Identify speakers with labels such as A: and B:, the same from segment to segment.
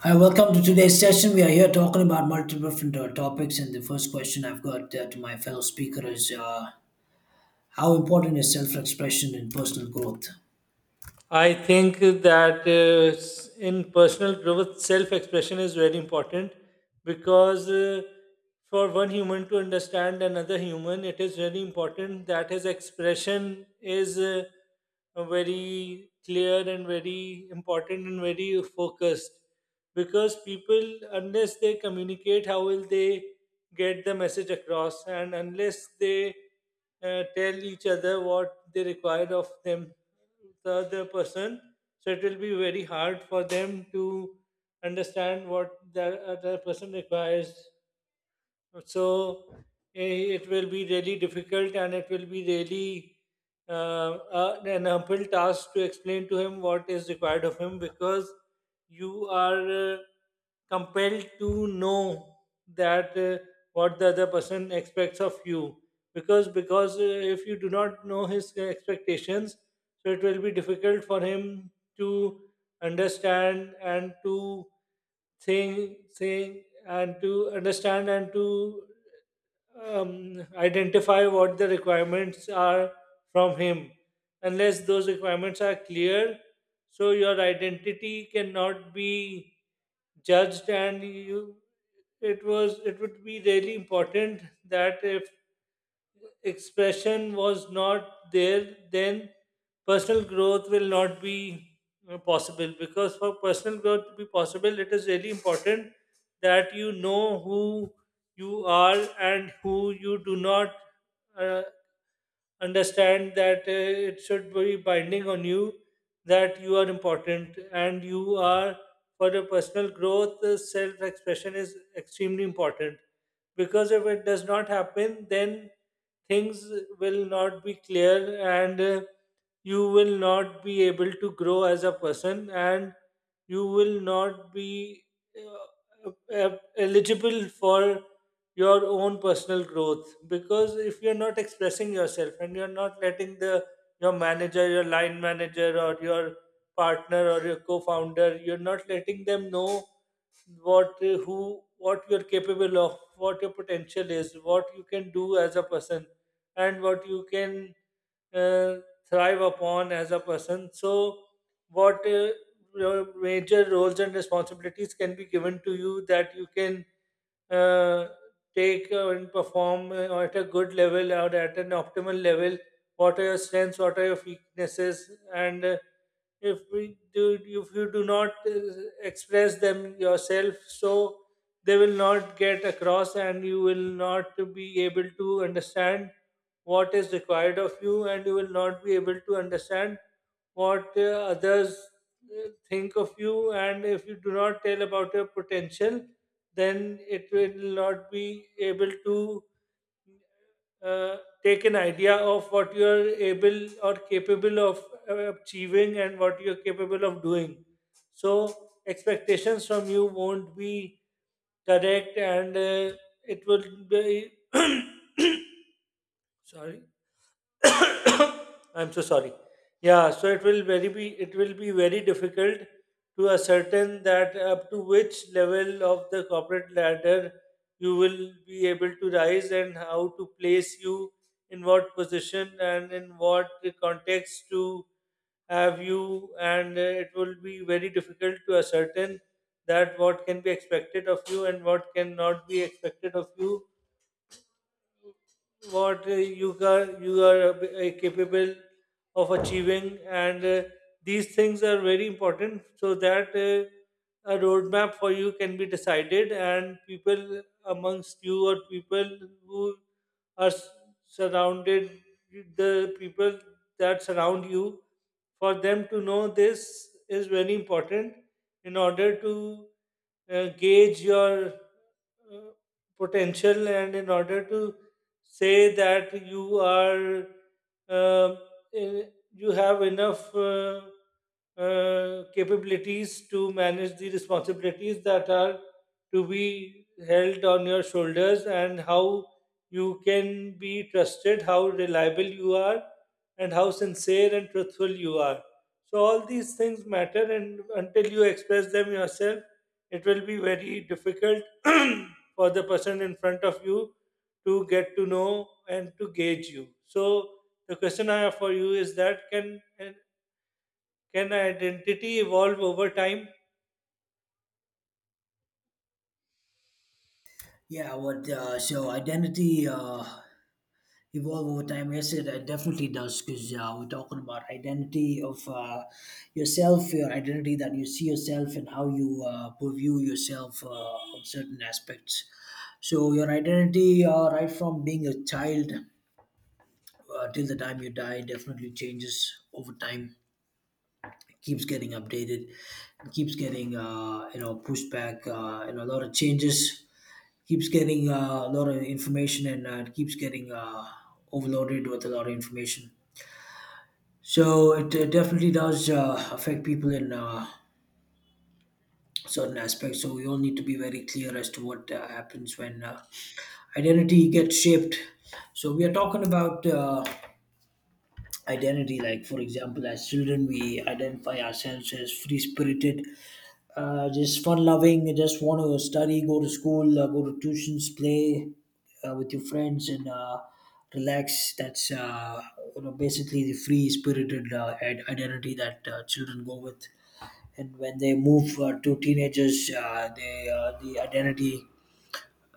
A: Hi, welcome to today's session. We are here talking about multiple different topics, and the first question I've got to my fellow speaker is how important is self-expression in personal growth?
B: I think that in personal growth, self expression is very important because for one human to understand another human, it is very important that his expression is very clear and very important and very focused, because people, unless they communicate, how will they get the message across, and unless they tell each other what they require of them, the other person. So it will be very hard for them to understand what the other person requires. So it will be really difficult and it will be really uh, an uphill task to explain to him what is required of him, because you are compelled to know that what the other person expects of you, because if you do not know his expectations, so it will be difficult for him to understand and to think and to understand and to identify what the requirements are from him. Unless those requirements are clear, so your identity cannot be judged, and you it was it would be really important that if expression was not there, then personal growth will not be possible. Because for personal growth to be possible, it is really important that you know who you are and who you do not uh, understand that it should be binding on you that you are important, and you are, for your personal growth, self-expression is extremely important, because if it does not happen, then things will not be clear. And you will not be able to grow as a person, and you will not be eligible for your own personal growth, because if you're not expressing yourself, and you're not letting the your manager, your line manager, or your partner, or your co-founder, you're not letting them know what you're capable of, what your potential is, what you can do as a person, and what you can uh, thrive upon as a person. So what your major roles and responsibilities can be given to you, that you can uh, take and perform at a good level or at an optimal level, what are your strengths, what are your weaknesses. And if we do if you do not express them yourself, so they will not get across, and you will not be able to understand what is required of you, and you will not be able to understand what others think of you. And if you do not tell about your potential, then it will not be able to uh, take an idea of what you are able or capable of achieving and what you're capable of doing. So, expectations from you won't be correct, and it will be sorry. I'm so sorry. Yeah, so it will be very difficult to ascertain that up to which level of the corporate ladder you will be able to rise, and how to place you, in what position and in what context to have you. And it will be very difficult to ascertain that what can be expected of you and what cannot be expected of you, what you are capable of achieving. And these things are very important, so that a roadmap for you can be decided, and people amongst you, or people who are s- surrounded, the people that surround you, for them to know, this is very important in order to gauge your uh, potential, and in order to say that you are uh, you have enough capabilities to manage the responsibilities that are to be held on your shoulders, and how you can be trusted, how reliable you are, and how sincere and truthful you are. So, all these things matter, and until you express them yourself, it will be very difficult for the person in front of you to get to know and to gauge you. So the question I have for you is that can identity evolve over time?
A: Yeah, what so identity evolve over time? Yes, it definitely does because we're talking about identity of yourself, your identity that you see yourself, and how you view yourself on certain aspects. So your identity, right from being a child till the time you die definitely changes over time. It keeps getting updated, it keeps getting pushed back. A lot of changes keeps getting a lot of information, and it keeps getting overloaded with a lot of information. So it definitely does affect people in certain aspects. So we all need to be very clear as to what happens when identity gets shaped. So we are talking about identity, like for example, as children we identify ourselves as free spirited, just fun loving, just want to study, go to school, go to tuitions, play with your friends, and relax. That's basically the free spirited identity that children go with. And when they move to teenagers, the identity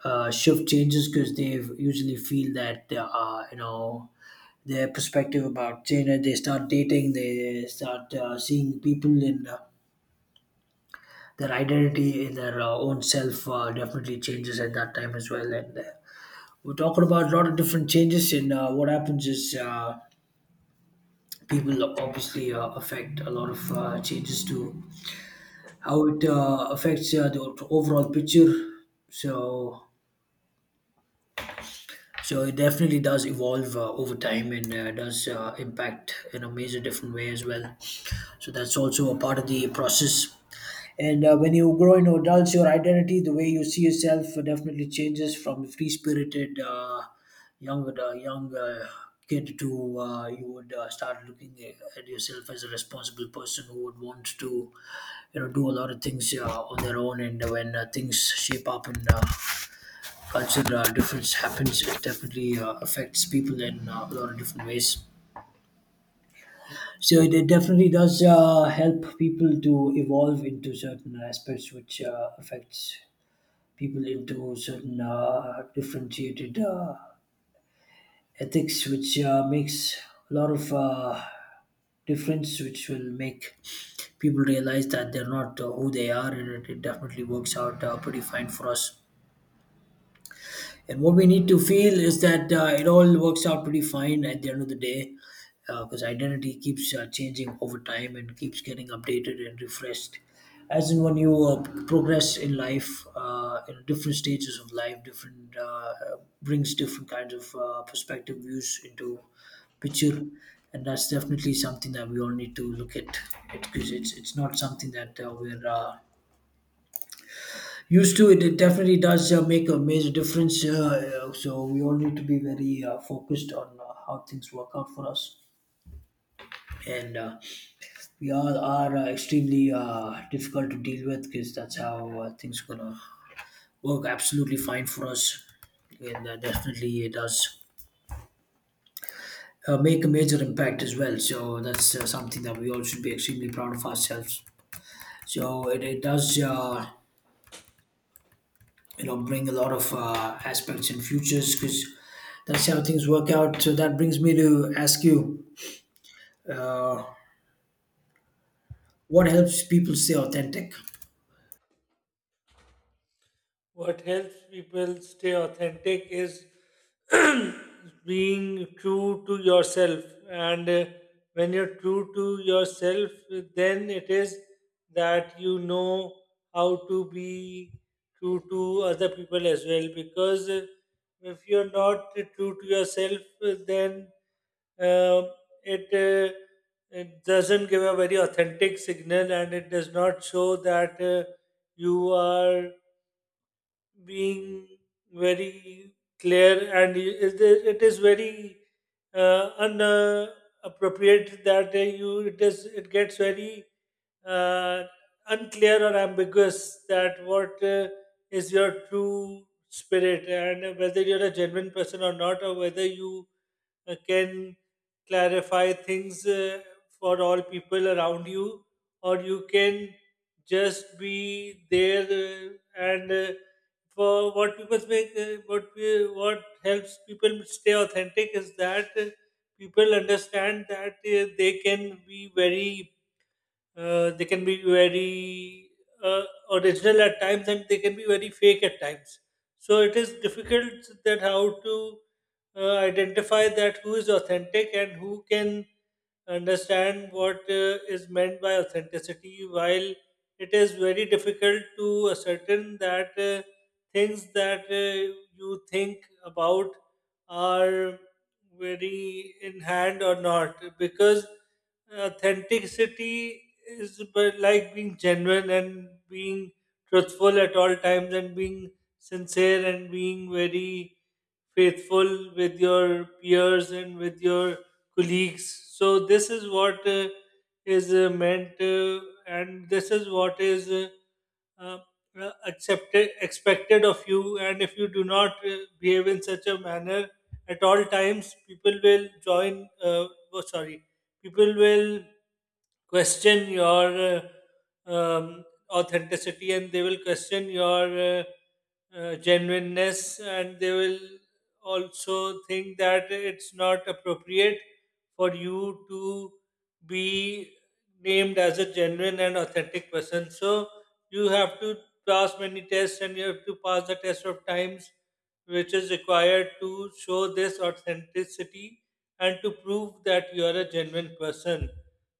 A: shift changes, because they usually feel that their perspective about China. They start dating, they start seeing people, and their identity in their own self definitely changes at that time as well. And we're talking about a lot of different changes, and what happens is people obviously affect a lot of changes to how it affects the overall picture. So So it definitely does evolve over time, and does impact in a major different way as well. So that's also a part of the process. And when you grow into adults, your identity, the way you see yourself, definitely changes from free spirited young kid to you would start looking at yourself as a responsible person who would want to do a lot of things on their own. And when things shape up and cultural difference happens, it definitely affects people in a lot of different ways. So it definitely does help people to evolve into certain aspects, which affects people into certain differentiated ethics, which makes a lot of difference, which will make people realize that they're not who they are, and it definitely works out pretty fine for us. And what we need to feel is that it all works out pretty fine at the end of the day, because identity keeps changing over time and keeps getting updated and refreshed. As in when you progress in life, in different stages of life, different brings different kinds of perspective views into picture, and that's definitely something that we all need to look at, because it's not something that we're used to. It definitely does make a major difference. So we all need to be very focused on how things work out for us, and we all are extremely difficult to deal with, because that's how things gonna work absolutely fine for us, and definitely it does make a major impact as well. So that's something that we all should be extremely proud of ourselves. So it does bring a lot of aspects and futures, because that's how things work out. So that brings me to ask you, what helps people stay authentic?
B: What helps people stay authentic is being true to yourself. And when you're true to yourself, then it is that you know how to be true to other people as well, because if you're not true to yourself, then uh, it it doesn't give a very authentic signal, and it does not show that you are being very clear. And it is very unappropriate that you it gets very uh, unclear or ambiguous, that what is your true spirit, and whether you're a genuine person or not, or whether you can clarify things for all people around you, or you can just be there and for what people make what helps people stay authentic is that people understand that they can be very they can be very uh, original at times, and they can be very fake at times. So it is difficult, that how to identify that who is authentic and who can understand what is meant by authenticity, while it is very difficult to ascertain that things that you think about are very in hand or not, because authenticity is like being genuine and being truthful at all times, and being sincere and being very faithful with your peers and with your colleagues. So this is what is meant, and this is what is uh, accepted expected of you. And if you do not behave in such a manner at all times, people will join. Oh, sorry, people will question your uh, um, authenticity, and they will question your genuineness, and they will also think that it's not appropriate for you to be named as a genuine and authentic person. So you have to pass many tests, and you have to pass the test of times, which is required to show this authenticity and to prove that you are a genuine person.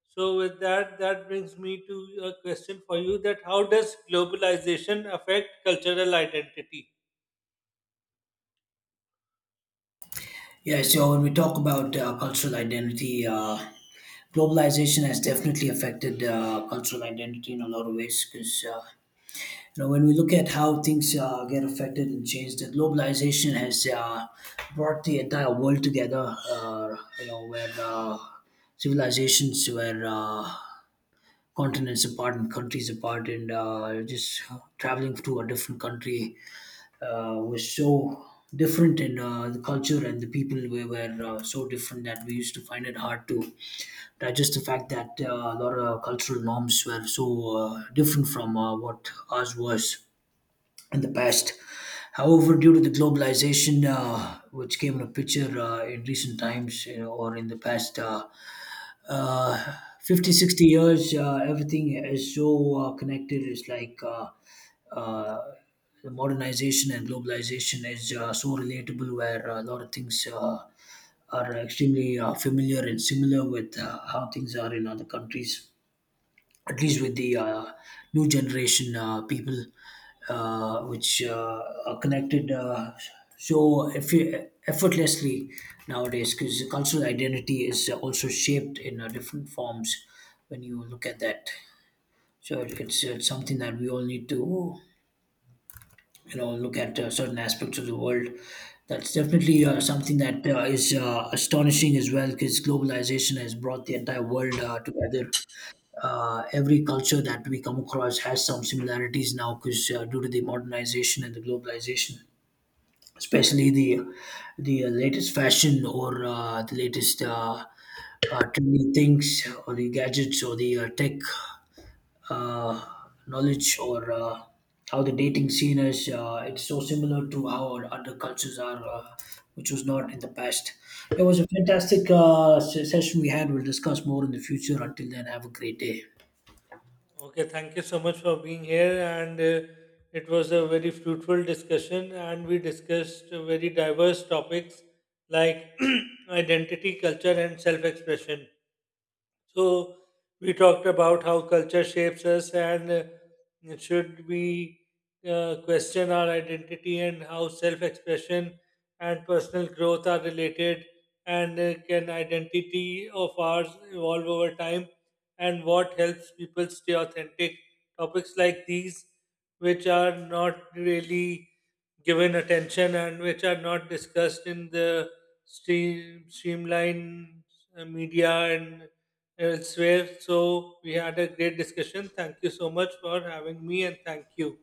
B: So with that, that brings me to a question for you, that how does globalization affect cultural identity?
A: Yeah, so when we talk about cultural identity, globalization has definitely affected cultural identity in a lot of ways, because when we look at how things get affected and changed, the globalization has brought the entire world together. Where civilizations were continents apart and countries apart, and just traveling to a different country was so different, and the culture and the people we were so different that we used to find it hard to digest the fact that a lot of cultural norms were so different from what ours was in the past. However, due to the globalization which came in a picture in recent times, or in the past 50, 60 years, everything is so connected. It's like uh, the modernization and globalization is so relatable, where a lot of things are extremely familiar and similar with how things are in other countries, at least with the new generation people, which are connected so effortlessly nowadays, because cultural identity is also shaped in different forms when you look at that. So it's something that we all need to look at certain aspects of the world. That's definitely something that is astonishing as well, because globalization has brought the entire world together. Every culture that we come across has some similarities now, because due to the modernization and the globalization, especially the latest fashion, or the latest trendy things, or the gadgets, or the tech uh, knowledge, or how the dating scene is. It's so similar to how our other cultures are, which was not in the past. It was a fantastic session we had. We'll discuss more in the future. Until then, have a great day.
B: Okay, thank you so much for being here. And it was a very fruitful discussion, and we discussed very diverse topics like identity, culture, and self expression. So we talked about how culture shapes us, and should we question our identity, and how self-expression and personal growth are related, and can identity of ours evolve over time, and what helps people stay authentic. Topics like these, which are not really given attention, and which are not discussed in the streamline media and elsewhere. So we had a great discussion. Thank you so much for having me, and thank you.